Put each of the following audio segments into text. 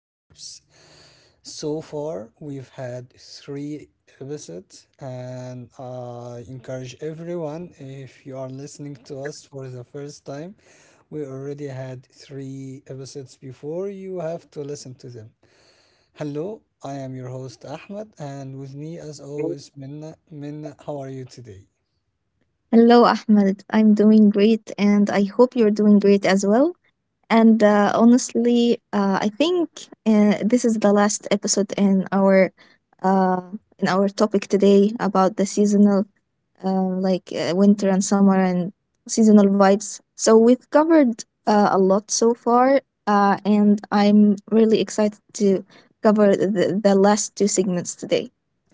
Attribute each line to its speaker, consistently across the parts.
Speaker 1: Vibes. So far, we've had three episodes, and I encourage everyone, if you are listening to us for the first time, we already had three episodes before. You have to listen to them. Hello, I am your host Ahmed, and with me, as always, Minna. Minna, how are you today?
Speaker 2: Hello, Ahmed. I'm doing great, and I hope you're doing great as well. And honestly, I think this is the last episode uh, in our topic today about the seasonal, like winter and summer and seasonal vibes. So we've covered a lot so far, and I'm really excited to cover the last two segments today.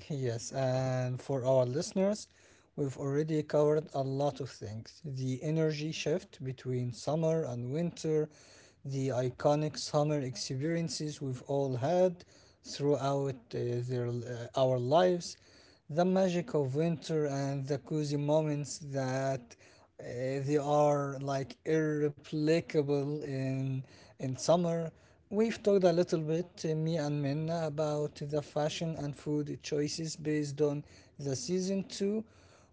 Speaker 1: Yes, and for our listeners, we've already covered a lot of things. The energy shift between summer and winter, the iconic summer experiences we've all had throughout our lives, the magic of winter and the cozy moments that they are like irreplicable in summer. We've talked a little bit, me and Minna, about the fashion and food choices based on the season too.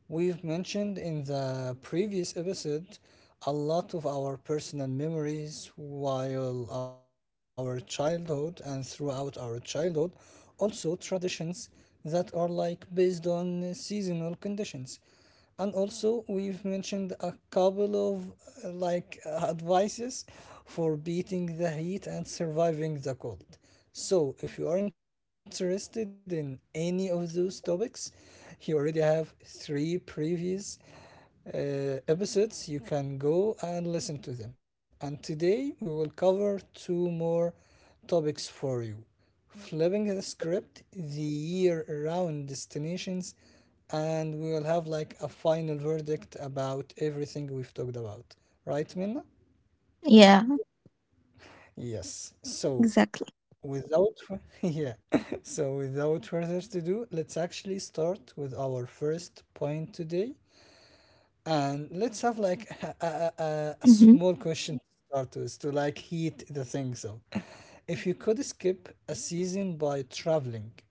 Speaker 1: We've mentioned in the previous episode a lot of our personal memories while our childhood and throughout our childhood, also traditions that are like based on seasonal conditions, and also we've mentioned a couple of advices for beating the heat and surviving the cold. So if you are interested in any of those topics, you already have three previews episodes. You can go and listen to them. And today we will cover two more topics for you: flipping the script, the year round destinations, and we will have like a final verdict about everything we've talked about. Right, Minna?
Speaker 2: Yeah, exactly.
Speaker 1: Yes. So without yeah, so without further ado, let's actually start with our first point today. And let's have like a small question to start with to like heat the things up. If you could skip a season by traveling,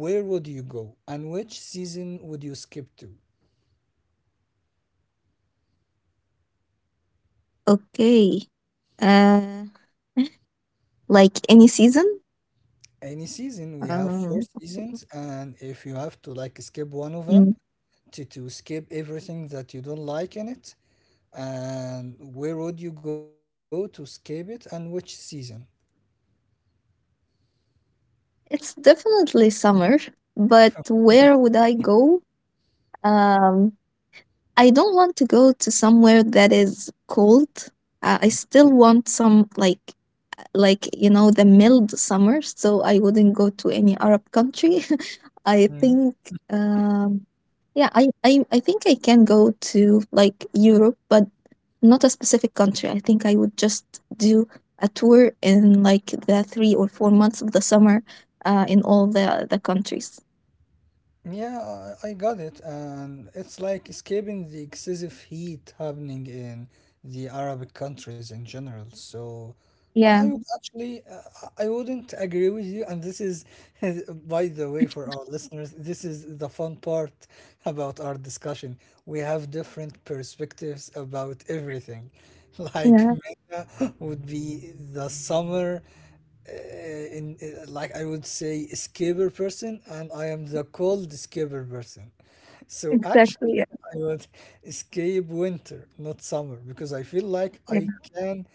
Speaker 1: where would you go and which season would you skip to?
Speaker 2: Okay. Uh, like any season?
Speaker 1: Any season. We have
Speaker 2: Um,
Speaker 1: four seasons, and if you have to like skip one of
Speaker 2: mm,
Speaker 1: them to skip everything that you don't like in it, and where would you go to skip it and which season?
Speaker 2: it's definitely summer, but where would I go? Um, I don't want to go to somewhere that is cold. I still want some like the mild summer, so I wouldn't go to any Arab country. I
Speaker 1: Okay.
Speaker 2: think, um yeah, I think I can go to like Europe, but not a specific country. I think I would just do a tour in like the 3 or 4 months of the summer, in all the countries.
Speaker 1: Yeah, I got it. And it's like escaping the excessive heat happening in the Arabic countries in general. So I
Speaker 2: Yeah,
Speaker 1: would actually, I wouldn't agree with you. And this is, by the way, for our listeners, this is the fun part about our discussion. We have different perspectives about everything. Like
Speaker 2: yeah,
Speaker 1: Mena would be the summer in like I would say scaber person, and I am the cold scaber person. So actually
Speaker 2: exactly. Yeah,
Speaker 1: I would escape winter, not summer, because I feel like I
Speaker 2: yeah.
Speaker 1: can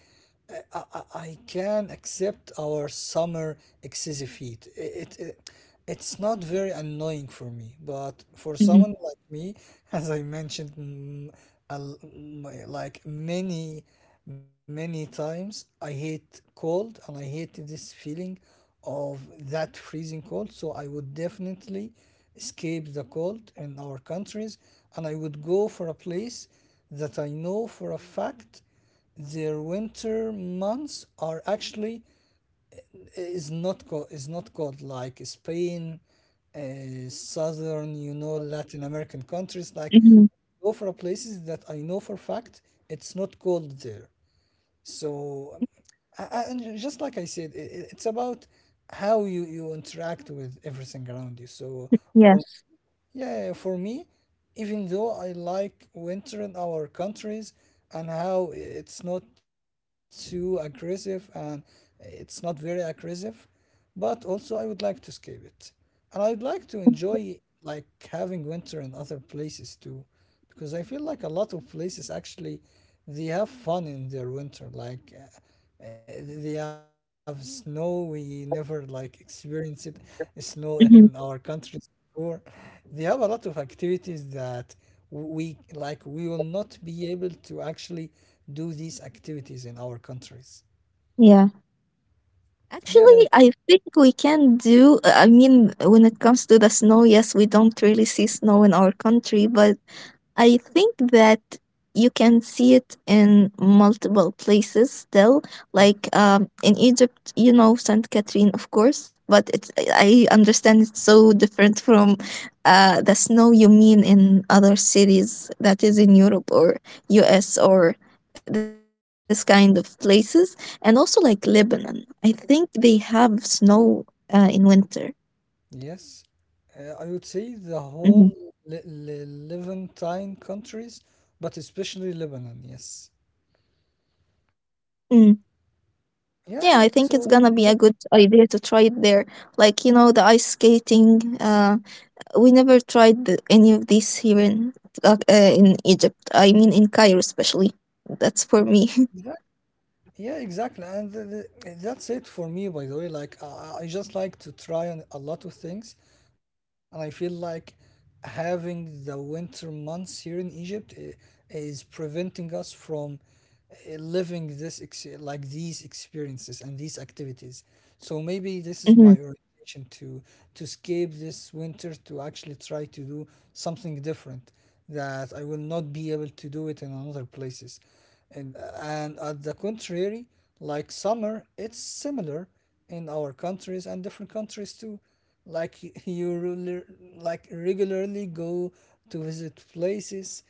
Speaker 1: I can accept our summer excessive heat. It, it it's not very annoying for me, but for someone
Speaker 2: Mhm.
Speaker 1: like me, as I mentioned, mm, a l- like many times, I hate cold and I hate this feeling of that freezing cold. So I would definitely escape the cold in our countries, and I would go for a place that I know for a fact. Their winter months are actually is not cold, is not cold, like Spain, southern, you know, Latin American countries. Like,
Speaker 2: Mhm.
Speaker 1: go for places that I know for fact it's not cold there. So, and just like I said, it's about how you interact with everything around you. So,
Speaker 2: Yes.
Speaker 1: yeah, yeah, for me, even though I like winter in our countries and how it's not too aggressive and it's not very aggressive, but also I would like to escape it. And I would like to enjoy like having winter in other places too, because I feel like a lot of places actually they have fun in their winter. Like uh, they have snow. We never like experience it snow in our
Speaker 2: Mhm.
Speaker 1: countries before. They have a lot of activities that we like. We will not be able to actually do these activities in our countries.
Speaker 2: Yeah.
Speaker 1: Yeah.
Speaker 2: Actually, I think we can do. I mean, when it comes to the snow, yes, we don't really see snow in our country, but I think that you can see it in multiple places still,
Speaker 1: uh,
Speaker 2: like in Egypt, Saint Catherine, of course, but it's, I understand it's so different from the snow you mean in other cities that is in
Speaker 1: Yes.
Speaker 2: Europe or US or this kind of places. And also like Lebanon, I think they have snow in winter.
Speaker 1: Yes. I would say the whole
Speaker 2: Mhm.
Speaker 1: Levantine countries, but especially Lebanon, yes.
Speaker 2: Mm.
Speaker 1: Yeah, so
Speaker 2: Yeah, I think
Speaker 1: mm,
Speaker 2: it's gonna be a good idea to try it there. Like, the ice skating. We never tried any of these here in Egypt. I mean, in Cairo especially. That's for me.
Speaker 1: yeah, yeah, exactly, and that's it for me. By the way, like I just like to try on a lot of things, and I feel like having the winter months here in Egypt is preventing us from living this ex like these experiences and these activities. So maybe this is
Speaker 2: Mm-hmm,
Speaker 1: my orientation to escape this winter to actually try to do something different that I will not be able to do it in another places. And at the contrary, like summer, it's similar in our countries and different countries too. Like you really, like regularly go to visit places,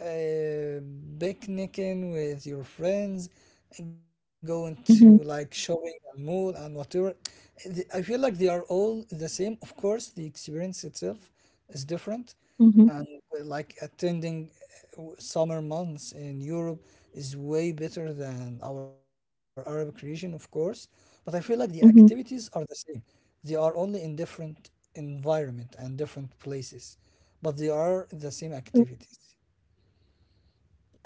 Speaker 1: uh, picnicking with your friends, going to like
Speaker 2: mm-hmm,
Speaker 1: shopping and mall and whatever. I feel like they are all the same. Of course, the experience itself is different,
Speaker 2: mm-hmm,
Speaker 1: and like attending summer months in Europe is way better than our Arabic region, of course. But I feel like the activities
Speaker 2: mm-hmm.
Speaker 1: are the same. They are only in different environment and different places, but they are the same activities.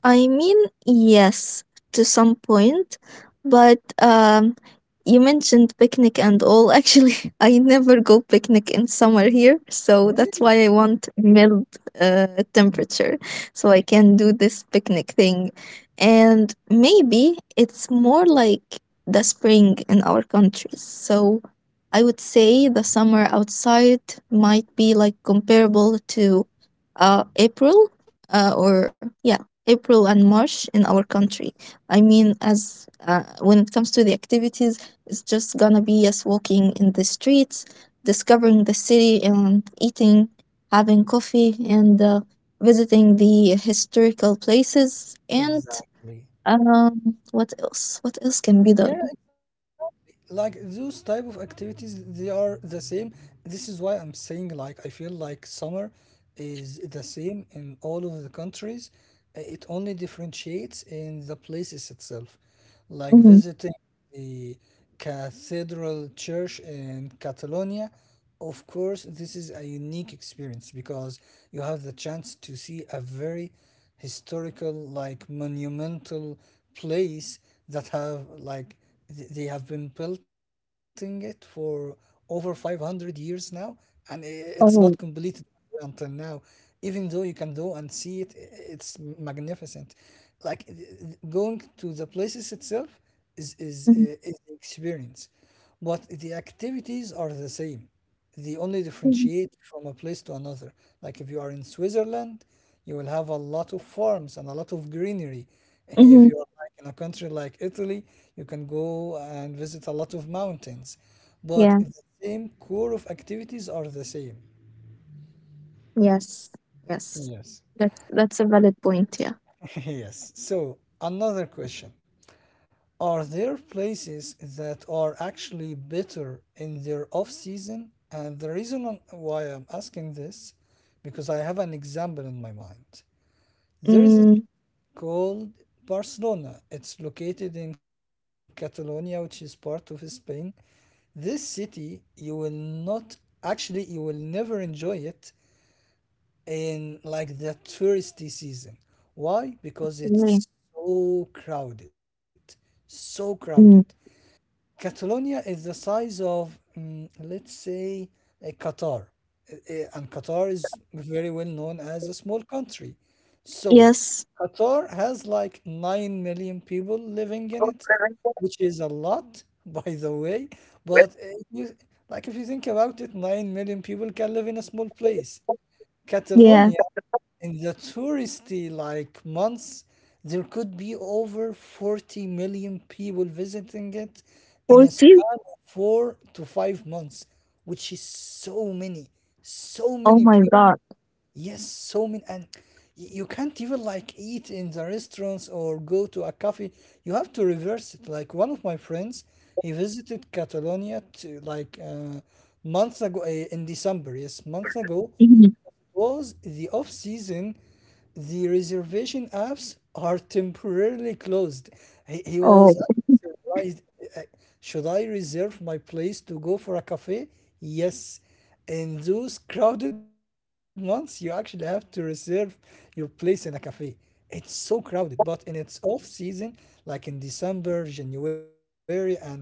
Speaker 2: I mean, yes, to some point, but you mentioned picnic and all. Actually, I never go picnic in summer here, so that's
Speaker 1: Really?
Speaker 2: why I want mild
Speaker 1: Mm,
Speaker 2: temperature so I can do this picnic thing. And maybe it's more like the spring in our countries. So I would say the summer outside might be like comparable to April, or yeah, April and March in our country. I mean, as when it comes to the activities, it's just gonna be us walking in the streets, discovering the city, and eating, having coffee, and visiting the historical places. And
Speaker 1: exactly.
Speaker 2: what else? What else can be
Speaker 1: Yeah,
Speaker 2: done?
Speaker 1: like those type of activities they are the same. This is why I'm saying like I feel like summer is the same in all of the countries. It only differentiates in the places itself, like
Speaker 2: Mm-hmm.
Speaker 1: visiting the cathedral church in Catalonia. Of course, this is a unique experience because you have the chance to see a very historical, like monumental place that have like they have been building it for over 500 years now, and it's not
Speaker 2: Oh.
Speaker 1: completed until now. Even though you can go and see it, it's magnificent. Like going to the places itself is is uh,
Speaker 2: Mm-hmm.
Speaker 1: is the experience, but the activities are the same. They only differentiate from a place to another. Like if you are in Switzerland, you will have a lot of farms and a lot of greenery. If
Speaker 2: Mm-hmm.
Speaker 1: you are like in a country like Italy, you can go and visit a lot of mountains, but
Speaker 2: Yeah.
Speaker 1: the same core of activities are the same.
Speaker 2: Yes. Yes.
Speaker 1: Yes.
Speaker 2: That's a valid point. Yeah.
Speaker 1: Yes. So, another question. Are there places that are actually better in their off season? And the reason why I'm asking this, because I have an example in my mind. There is a
Speaker 2: Mm.
Speaker 1: city called Barcelona. It's located in Catalonia, which is part of Spain. This city, you will not actually, you will never enjoy it in like the touristy season. Why? Because
Speaker 2: Right.
Speaker 1: it's so crowded, so crowded.
Speaker 2: Mm.
Speaker 1: Catalonia is the size of, mm, let's say, a Qatar. And Qatar is very well known as a small country. So,
Speaker 2: Yes.
Speaker 1: Qatar has like 9 million people living in it, which is a lot, by the way, but like if you think about it, 9 million people can live in a small place.
Speaker 2: Yeah.
Speaker 1: Catalonia in the touristy like months, there could be over 40 million people visiting it in a
Speaker 2: 40?
Speaker 1: span of 4 to 5 months, which is so many, so
Speaker 2: Oh
Speaker 1: many
Speaker 2: my
Speaker 1: people.
Speaker 2: god.
Speaker 1: Yes, so many, and you can't even like eat in the restaurants or go to a cafe. You have to reverse it. Like one of my friends, he visited Catalonia to like months ago in December. Yes, months ago,
Speaker 2: Mhm.
Speaker 1: was the off season, the reservation apps are temporarily closed. He
Speaker 2: Oh,
Speaker 1: was surprised. uh, Should I reserve my place to go for a cafe? Yes. In those crowded months, you actually have to reserve your place in a cafe. It's so crowded, but in its off season, like in December, January, and February,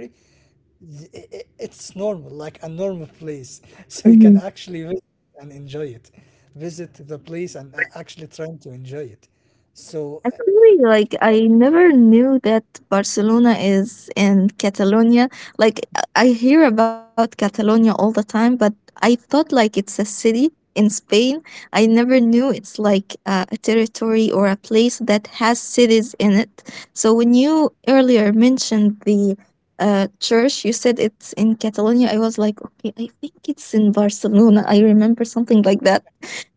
Speaker 1: It's normal, like a normal place. So you can actually
Speaker 2: mhm.
Speaker 1: visit and enjoy it. Visit the place and actually trying to enjoy it. So,
Speaker 2: Actually,
Speaker 1: I-
Speaker 2: like I never knew that Barcelona is in Catalonia. Like I hear about Catalonia all the time, but I thought like it's a city in Spain. I never knew it's like a territory or a place that has cities in it. So when you earlier mentioned the church, you said it's in Catalonia. I was like, okay, I think it's in Barcelona. I remember something like that.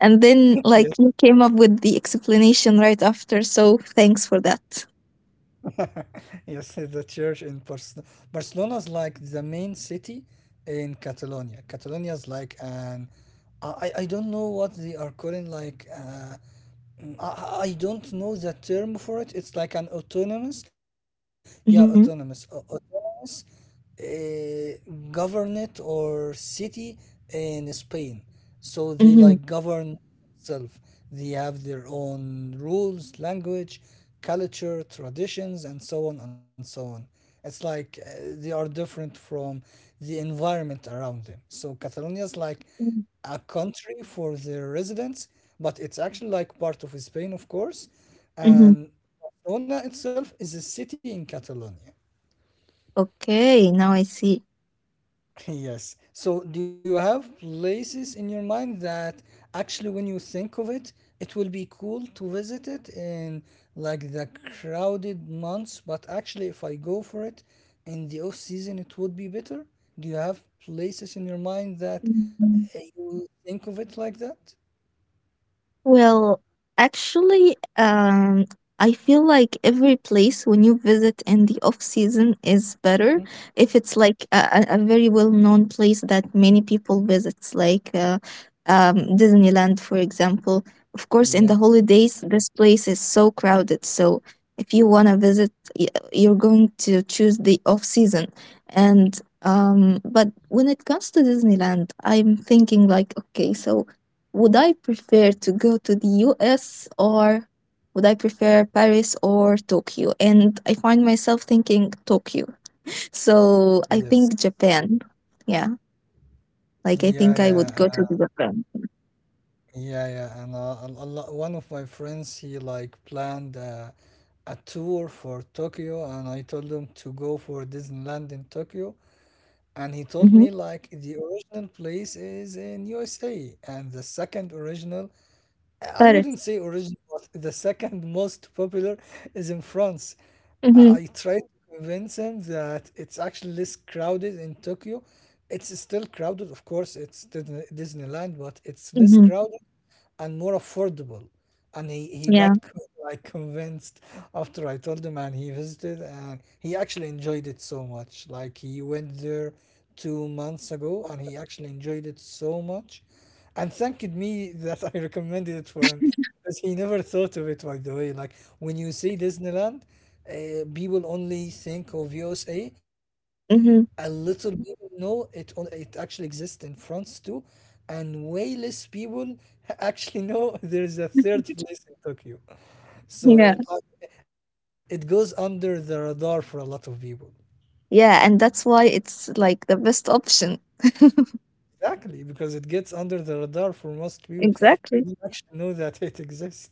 Speaker 2: And
Speaker 1: yes,
Speaker 2: then, like, you came up with the explanation right after. So, thanks for that.
Speaker 1: yes, the church in Barcelona. Barcelona is like the main city in Catalonia. Catalonia is like an, I don't know what they are calling like. I don't know the term for it. It's like an autonomous, yeah,
Speaker 2: Mm-hmm.
Speaker 1: autonomous, autonomous government or city in Spain. So they
Speaker 2: Mm-hmm.
Speaker 1: like govern itself. They have their own rules, language, culture, traditions, and so on and so on. It's like they are different from the environment around them. So Catalonia is like
Speaker 2: Mm-hmm.
Speaker 1: a country for their residents, but it's actually like part of Spain, of course.
Speaker 2: Mm-hmm.
Speaker 1: And Barcelona itself is a city in Catalonia.
Speaker 2: Okay, now I see.
Speaker 1: Yes. So, do you have places in your mind that actually, when you think of it, it will be cool to visit it in like the crowded months? But actually, if I go for it in the off season, it would be better. Do you have places in your mind that you think of it like that?
Speaker 2: Well, actually, I feel like every place when you visit in the off season is better if it's like a very well known place that many people visits, like Disneyland, for example. Of course, in the holidays, this place is so crowded. So if you wanna visit, y- you're going to choose the off season. And but when it comes to Disneyland, I'm thinking like, okay, so would I prefer to go to the US or would I prefer Paris or Tokyo? And I find myself thinking Tokyo. So I
Speaker 1: Yes.
Speaker 2: think Japan. Yeah. Like I
Speaker 1: Yeah,
Speaker 2: think I would
Speaker 1: yeah,
Speaker 2: go to the Japan.
Speaker 1: yeah, yeah. And one of my friends, he like planned a tour for Tokyo, and I told him to go for Disneyland in Tokyo, and he told
Speaker 2: Mm-hmm.
Speaker 1: me like the original place is in USA, and the second original. I
Speaker 2: Paris.
Speaker 1: wouldn't say original, but the second most popular is in France. I
Speaker 2: Mm-hmm.
Speaker 1: I tried to convince him that it's actually less crowded in Tokyo. It's still crowded, of course, it's Disneyland, but it's less
Speaker 2: Mm-hmm.
Speaker 1: crowded and more affordable, and he got
Speaker 2: Yeah.
Speaker 1: like convinced after I told him, and he visited, and he actually enjoyed it so much. Like he went there 2 months ago, and he actually enjoyed it so much, and thanked me that I recommended it for him. Because he never thought of it, by the way. Like when you say Disneyland, people only think of USA, a little
Speaker 2: Mm-hmm.
Speaker 1: people know it on it actually exists in France too, and way less people actually know there is a third place in Tokyo. So
Speaker 2: Yeah.
Speaker 1: it goes under the radar for a lot of people.
Speaker 2: Yeah. And that's why it's like the best option.
Speaker 1: Exactly, because it gets under the radar for most people. They
Speaker 2: Exactly.
Speaker 1: don't actually know that it exists.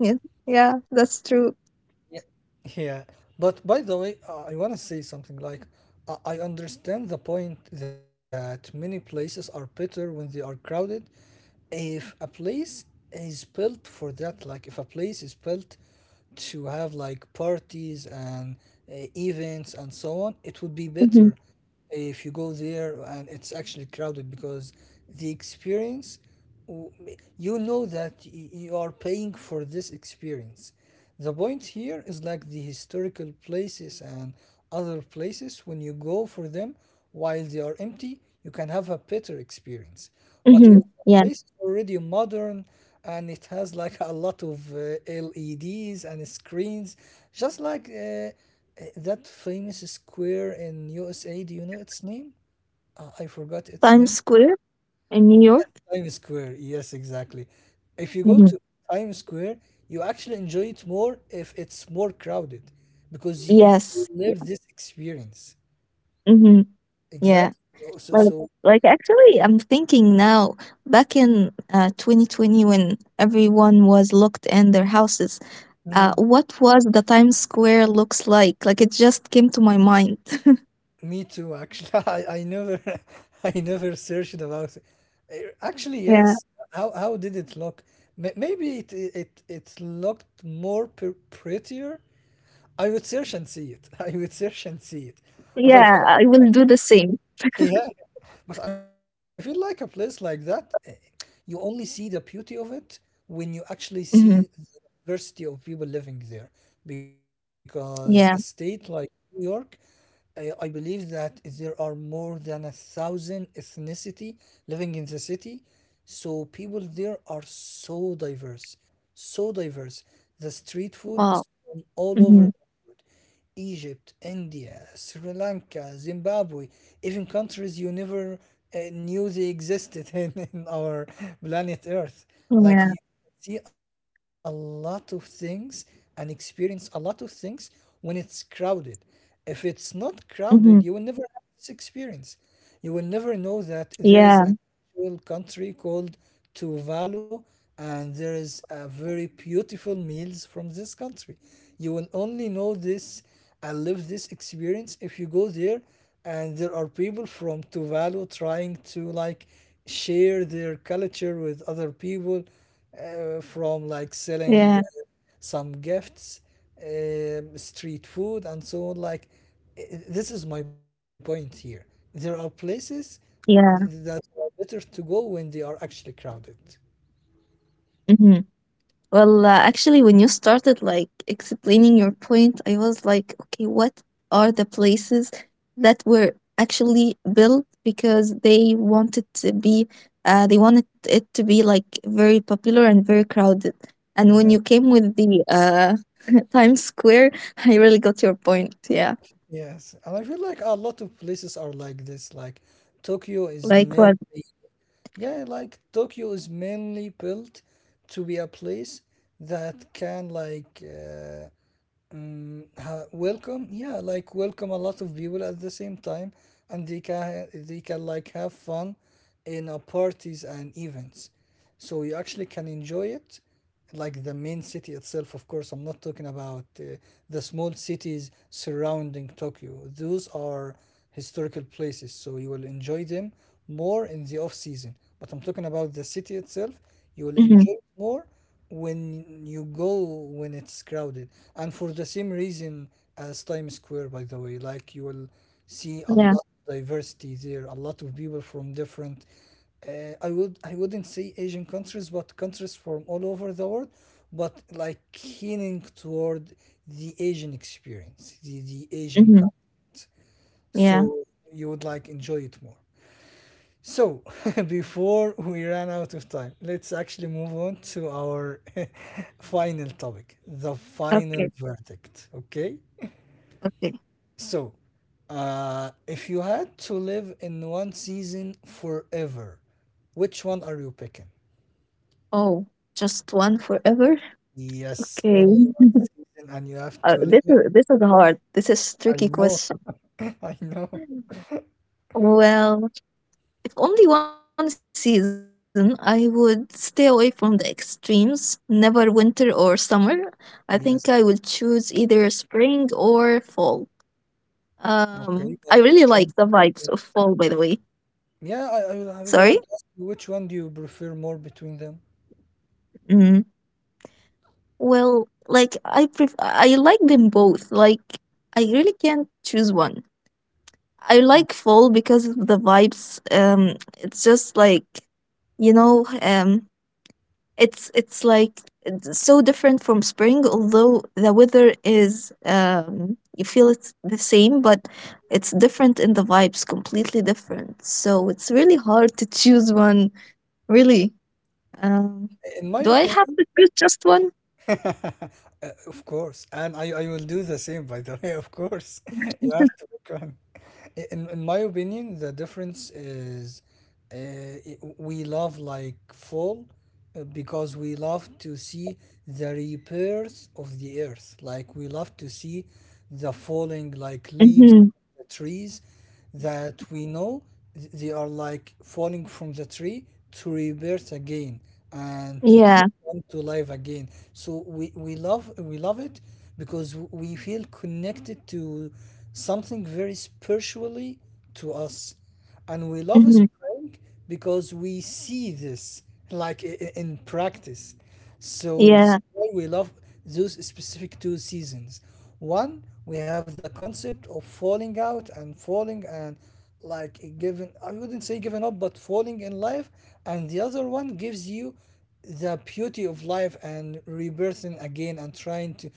Speaker 2: Yeah. Yeah. That's
Speaker 1: Yeah,
Speaker 2: true.
Speaker 1: yeah. But by the way, I want to say something like I understand the point that many places are better when they are crowded. If a place is built for that, like if a place is built to have like parties and events and so on, it would be better
Speaker 2: Mm-hmm.
Speaker 1: if you go there and it's actually crowded because the experience w- you know that you are paying for this experience. The point here is like the historical places and other places, when you go for them while they are empty, you can have a better experience. But if
Speaker 2: Mm-hmm.
Speaker 1: the
Speaker 2: Yeah.
Speaker 1: place is already modern and it has like a lot of LEDs and screens, just like that famous square in USA, do you know its name? I forgot
Speaker 2: Times
Speaker 1: its name.
Speaker 2: Square in New York.
Speaker 1: Times Square, yes, exactly. If you go
Speaker 2: Mm-hmm.
Speaker 1: to Times Square, you actually enjoy it more if it's more crowded because you
Speaker 2: Yes. Yeah.
Speaker 1: live this experience.
Speaker 2: Mm-hmm. Yeah.
Speaker 1: Exactly. So, so,
Speaker 2: Like,
Speaker 1: so,
Speaker 2: like, actually, I'm thinking now. Back in 2020, when everyone was locked in their houses,
Speaker 1: mm,
Speaker 2: what was the Times Square looks like? Like, it just came to my mind.
Speaker 1: me too, actually. I never I never searched about it. Actually, yes.
Speaker 2: Yeah,
Speaker 1: How did it look? Maybe it looked more prettier. I would search and see it. I would search and see it. But I feel
Speaker 2: yeah, I
Speaker 1: like,
Speaker 2: will do the same.
Speaker 1: yeah, but I feel like a place like that, you only see the beauty of it when you actually see the
Speaker 2: Hmm.
Speaker 1: diversity of people living there. Because a state like
Speaker 2: Yeah.
Speaker 1: New York, I believe that there are more than a thousand ethnicity living in the city, so people there are so diverse, so diverse. The street
Speaker 2: Wow.
Speaker 1: food is from
Speaker 2: Hmm.
Speaker 1: all over the world. Egypt, India, Sri Lanka, Zimbabwe, even countries you never knew they existed in our planet Earth,
Speaker 2: Yeah.
Speaker 1: like you see a lot of things and experience a lot of things when it's crowded. If it's not crowded, you
Speaker 2: Hmm.
Speaker 1: will never have this experience. You will never know that there is a
Speaker 2: Yeah.
Speaker 1: actual country called Tuvalu, and there is a very beautiful meals from this country. You will only know this and live this experience if you go there, and there are people from Tuvalu trying to like share their culture with other people, from like selling
Speaker 2: Yeah.
Speaker 1: some gifts, street food, and so on. This is my point here. There are places th-
Speaker 2: Yeah.
Speaker 1: that are better to go when they are actually crowded.
Speaker 2: Hmm. Well, actually, when you started like explaining your point, I was like, okay, what are the places that were actually built because they wanted it to be like very popular and very crowded. And when you
Speaker 1: Exactly.
Speaker 2: came with the Times Square, I really got your point. Yeah,
Speaker 1: Yes, and I feel like a lot of places are like this. Tokyo is
Speaker 2: like what?
Speaker 1: mainly, yeah, like Tokyo is mainly built to be a place that can like welcome, yeah, like welcome a lot of people at the same time, and they can like have fun in parties and events, so you actually
Speaker 2: Mm-hmm.
Speaker 1: can enjoy it, like the main city itself. Of course I'm not talking about the small cities surrounding Tokyo. Those are historical places, so you will enjoy them more in the off season, but I'm talking about the
Speaker 2: Mm-hmm.
Speaker 1: city itself. You will enjoy it more when you go, when it's crowded, and for the same reason as Times Square. By the way, like you will
Speaker 2: Yeah.
Speaker 1: see a lot of diversity there, a lot of people from different I would, I wouldn't say Asian countries, but countries from all over the world, but like leaning toward the Asian experience, the Asian
Speaker 2: Mm-hmm.
Speaker 1: content,
Speaker 2: Yeah.
Speaker 1: so you would like enjoy it more. So, before we ran out of time, let's actually move on to our final topic, the final
Speaker 2: Okay.
Speaker 1: verdict. Okay?
Speaker 2: Okay.
Speaker 1: So, if you had to live in one season forever, which one are you picking?
Speaker 2: Oh, just one forever.
Speaker 1: Yes,
Speaker 2: Okay.
Speaker 1: only one season, and you have
Speaker 2: Uh,
Speaker 1: to live
Speaker 2: this
Speaker 1: in.
Speaker 2: is this is hard. This is
Speaker 1: I
Speaker 2: tricky
Speaker 1: know,
Speaker 2: question.
Speaker 1: I know.
Speaker 2: Well, if only one season, I would stay away from the extremes. Never winter or summer. I think I will
Speaker 1: Yes.
Speaker 2: choose either spring or fall.
Speaker 1: Okay,
Speaker 2: I
Speaker 1: but
Speaker 2: really like
Speaker 1: which one?
Speaker 2: the vibes of fall. By the way,
Speaker 1: Yeah, I was
Speaker 2: sorry.
Speaker 1: about to ask you which one do you prefer more between them?
Speaker 2: Mm. Well, like I like them both. Like I really can't choose one. I like fall because of the vibes. It's just like, you know, um, it's like it's so different from spring. Although the weather is, you feel it's the same, but it's different in the vibes, completely different. So it's really hard to choose one. Really, um,
Speaker 1: In my
Speaker 2: do I have
Speaker 1: opinion,
Speaker 2: to choose just one?
Speaker 1: Of course, and I will do the same, by the way, of course. You have to become. In my opinion, the difference is uh, we love like fall, because we love to see the rebirth of the earth. Like we love to see the falling like leaves,
Speaker 2: Mm-hmm.
Speaker 1: the trees that we know they are like falling from the tree to rebirth again and
Speaker 2: Yeah.
Speaker 1: to come to life again, so we love we love it because we feel connected to something very spiritually to us, and we love
Speaker 2: Mm-hmm.
Speaker 1: spring wrong because we see this like in practice. So this is
Speaker 2: Yeah.
Speaker 1: why we love those specific two seasons. One, we have the concept of falling out and falling and like giving, I wouldn't say giving up, but falling in life. And the other one gives you the beauty of life and rebirthing again and trying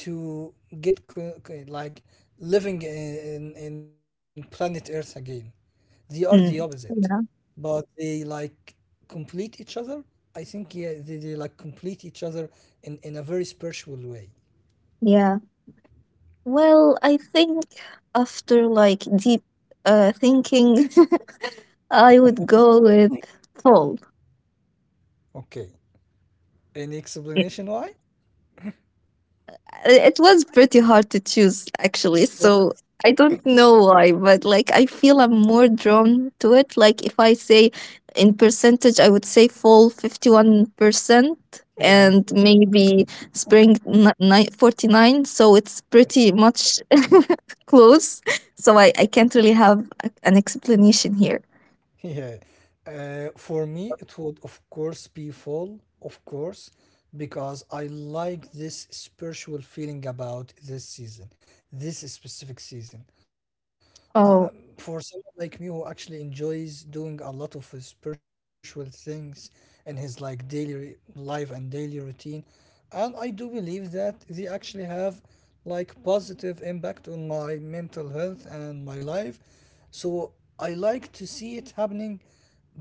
Speaker 1: to get like living in planet Earth again. They are the opposite
Speaker 2: Mm. Yeah.
Speaker 1: but they like complete each other. I think yeah, they like complete each other in a very spiritual way.
Speaker 2: Yeah. Well, I think after like deep thinking, I would go with fall.
Speaker 1: Okay. Any explanation
Speaker 2: I-
Speaker 1: why?
Speaker 2: It was pretty hard to choose actually,
Speaker 1: Oh,
Speaker 2: so I don't know why, but like I feel I'm more drawn to it. Like if I say in percentage, I would say fall 51%
Speaker 1: yeah,
Speaker 2: and maybe spring 49, so it's pretty
Speaker 1: yes.
Speaker 2: much close. So I can't really have an explanation here.
Speaker 1: Yeah. For me, it would of course be fall, of course, because I like this spiritual feeling about this season, this specific season. Um, for
Speaker 2: Oh,
Speaker 1: someone like me who actually enjoys doing a lot of spiritual things in his like daily life and daily routine, and I do believe that they actually have like positive impact on my mental health and my life. So I like to see it happening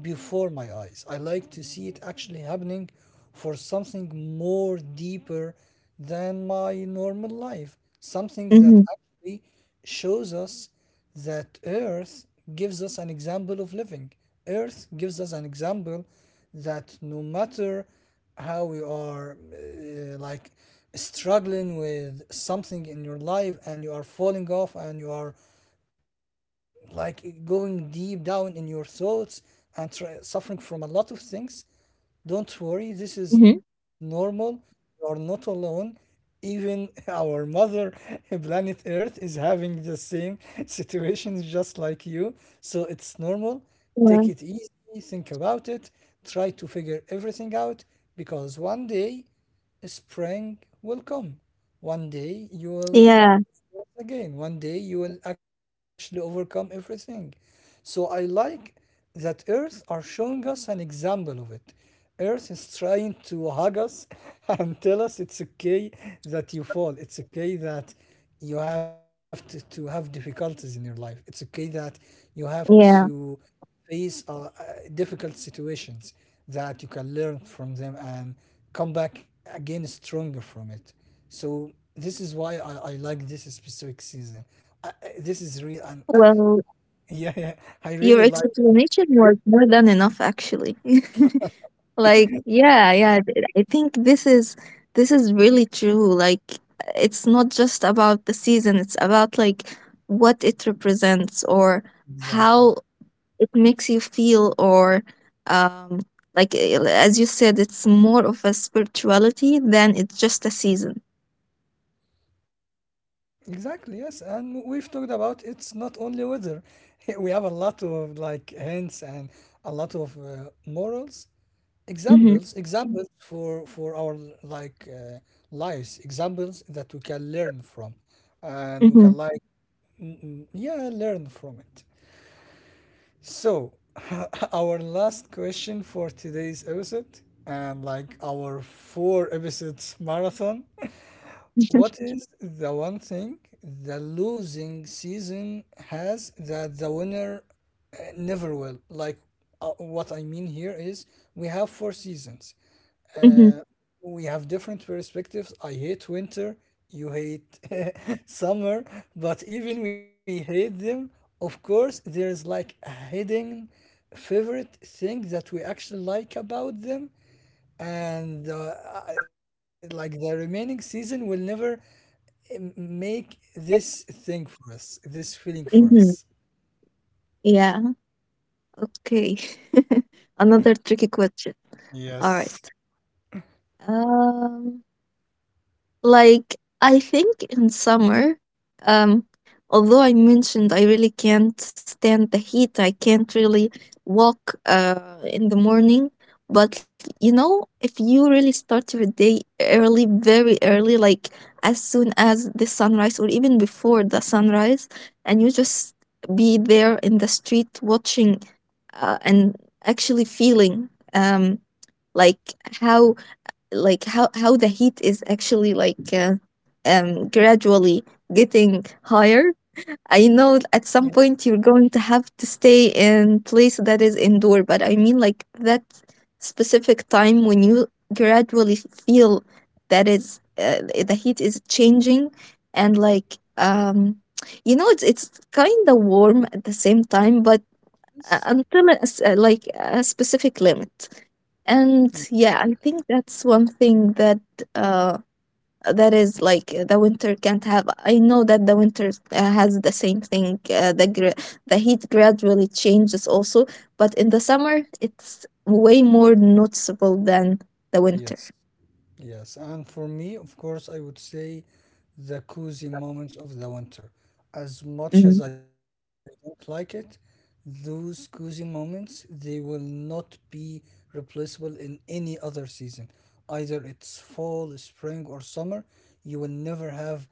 Speaker 1: before my eyes. I like to see it actually happening for something more deeper than my normal life, something that
Speaker 2: mm-hmm,
Speaker 1: actually shows us that Earth gives us an example of living. Earth gives us an example that no matter how we are like struggling with something in your life and you are falling off and you are like going deep down in your thoughts and suffering from a lot of things. Don't worry, this
Speaker 2: mm-hmm.
Speaker 1: is normal. You are not alone. Even our mother planet Earth is having the same situations just like you. So it's normal. Take it easy, think about it, try to figure everything out because one day spring will come. One day you will
Speaker 2: Yeah, yeah,
Speaker 1: again. One day you will actually overcome everything. So I like that Earth are showing us an example of it. Earth is trying to hug us and tell us it's okay that you fall. It's okay that you have to have difficulties in your life. It's okay that you have to
Speaker 2: yeah.
Speaker 1: face difficult situations that you can learn from them and come back again stronger from it. So this is why I like this specific season. This is real and
Speaker 2: Well,
Speaker 1: yeah, yeah, I
Speaker 2: your
Speaker 1: really like it.
Speaker 2: explanation was more than enough, actually. Like, yeah, yeah. I think this is really true. Like, it's not just about the season; it's about like what it represents or
Speaker 1: Exactly.
Speaker 2: how it makes you feel, or um like, as you said, it's more of a spirituality than it's just a season.
Speaker 1: Exactly, yes. And we've talked about it's not only weather. We have a lot of like hints and a lot of morals,
Speaker 2: Mm-hmm,
Speaker 1: examples for our like lives, examples that we can learn from and we can
Speaker 2: mm-hmm.
Speaker 1: like yeah learn from it. So our last question for today's episode, and like our 4 episodes marathon: what is the one thing the losing season has that the winner never will? Like what I mean here is we have 4 seasons.
Speaker 2: Mm-hmm,
Speaker 1: Uh, we have different perspectives. I hate winter, you hate summer, but even we hate them, of course, there is like a hidden favorite thing that we actually like about them, and like the remaining season will never make this thing for us, this feeling for us.
Speaker 2: mm-hmm. Yeah. Okay. Another tricky question. All
Speaker 1: Yes.
Speaker 2: right. um Like, I think in summer, um, although I mentioned I really can't stand the heat, I can't really walk in the morning. But you know, if you really start your day early, very early, like as soon as the sunrise or even before the sunrise, and you just be there in the street watching, and actually feeling, like how how the heat is actually, like, gradually getting higher. I know at some point you're going to have to stay in place that is indoor, but I mean, like that specific time when you gradually feel that is, the heat is changing, and like, it's kind of warm at the same time, but
Speaker 1: Yes.
Speaker 2: until, like, a specific limit. And yeah,
Speaker 1: Exactly.
Speaker 2: I think that's one thing that, uh that is like the winter can't have. I know that the winter has the same thing. The heat gradually changes also, but in the summer it's way more noticeable than the winter.
Speaker 1: Yes. Yes, and for me, of course, I would say the cozy moments of the winter. As much
Speaker 2: Mhm.
Speaker 1: as I don't like it, those cozy moments they will not be replaceable in any other season. Either it's fall, spring, or summer, you will never have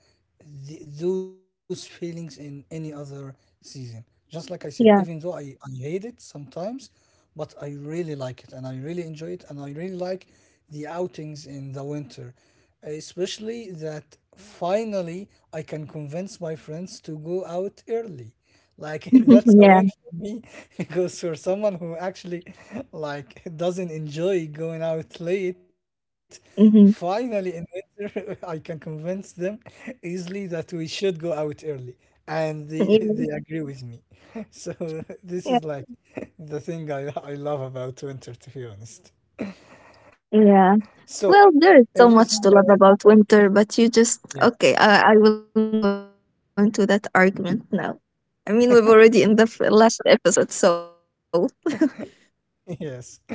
Speaker 1: those feelings in any other season. Just like I said, even though
Speaker 2: Yeah.
Speaker 1: I hate it sometimes, but I really like it and I really enjoy it and I really like the outings in the winter. Especially that finally I can convince my friends to go out early. Like that's a
Speaker 2: Yeah.
Speaker 1: win for me because for someone who actually like doesn't enjoy going out late, finally
Speaker 2: Hmm.
Speaker 1: in winter I can convince them easily that we should go out early. And they they
Speaker 2: Yeah.
Speaker 1: agree with me. So
Speaker 2: Yeah.
Speaker 1: this is like the thing I love about winter, to be honest.
Speaker 2: Yeah.
Speaker 1: So
Speaker 2: Well,
Speaker 1: everything,
Speaker 2: there is so much to love about winter, but you
Speaker 1: yeah,
Speaker 2: just okay. I will not go into that argument now. I mean, we've already in last episode, so
Speaker 1: yes.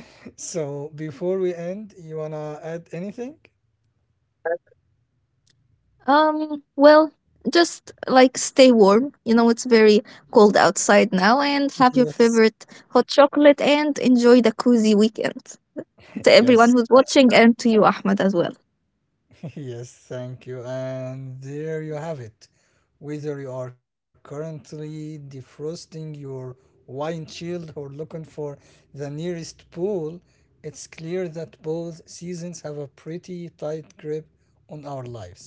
Speaker 1: So before we end, you wanna add anything?
Speaker 2: Well, just like stay warm. You know, it's very cold outside now, and have your
Speaker 1: Yes,
Speaker 2: favorite hot chocolate and enjoy the cozy weekend to
Speaker 1: yes.
Speaker 2: everyone who's watching and to you, Ahmed, as well.
Speaker 1: Yes, thank you. And there you have it. Whether you are currently defrosting your wine chilled or looking for the nearest pool, it's clear that both seasons have a pretty tight grip on our lives.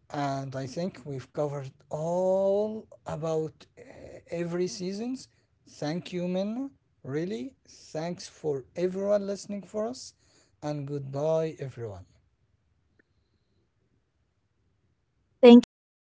Speaker 1: And I think we've covered all about every seasons. Thank you, Minna. Really, thanks for everyone listening for us. And goodbye, everyone.
Speaker 2: Thank you so much for having me today, and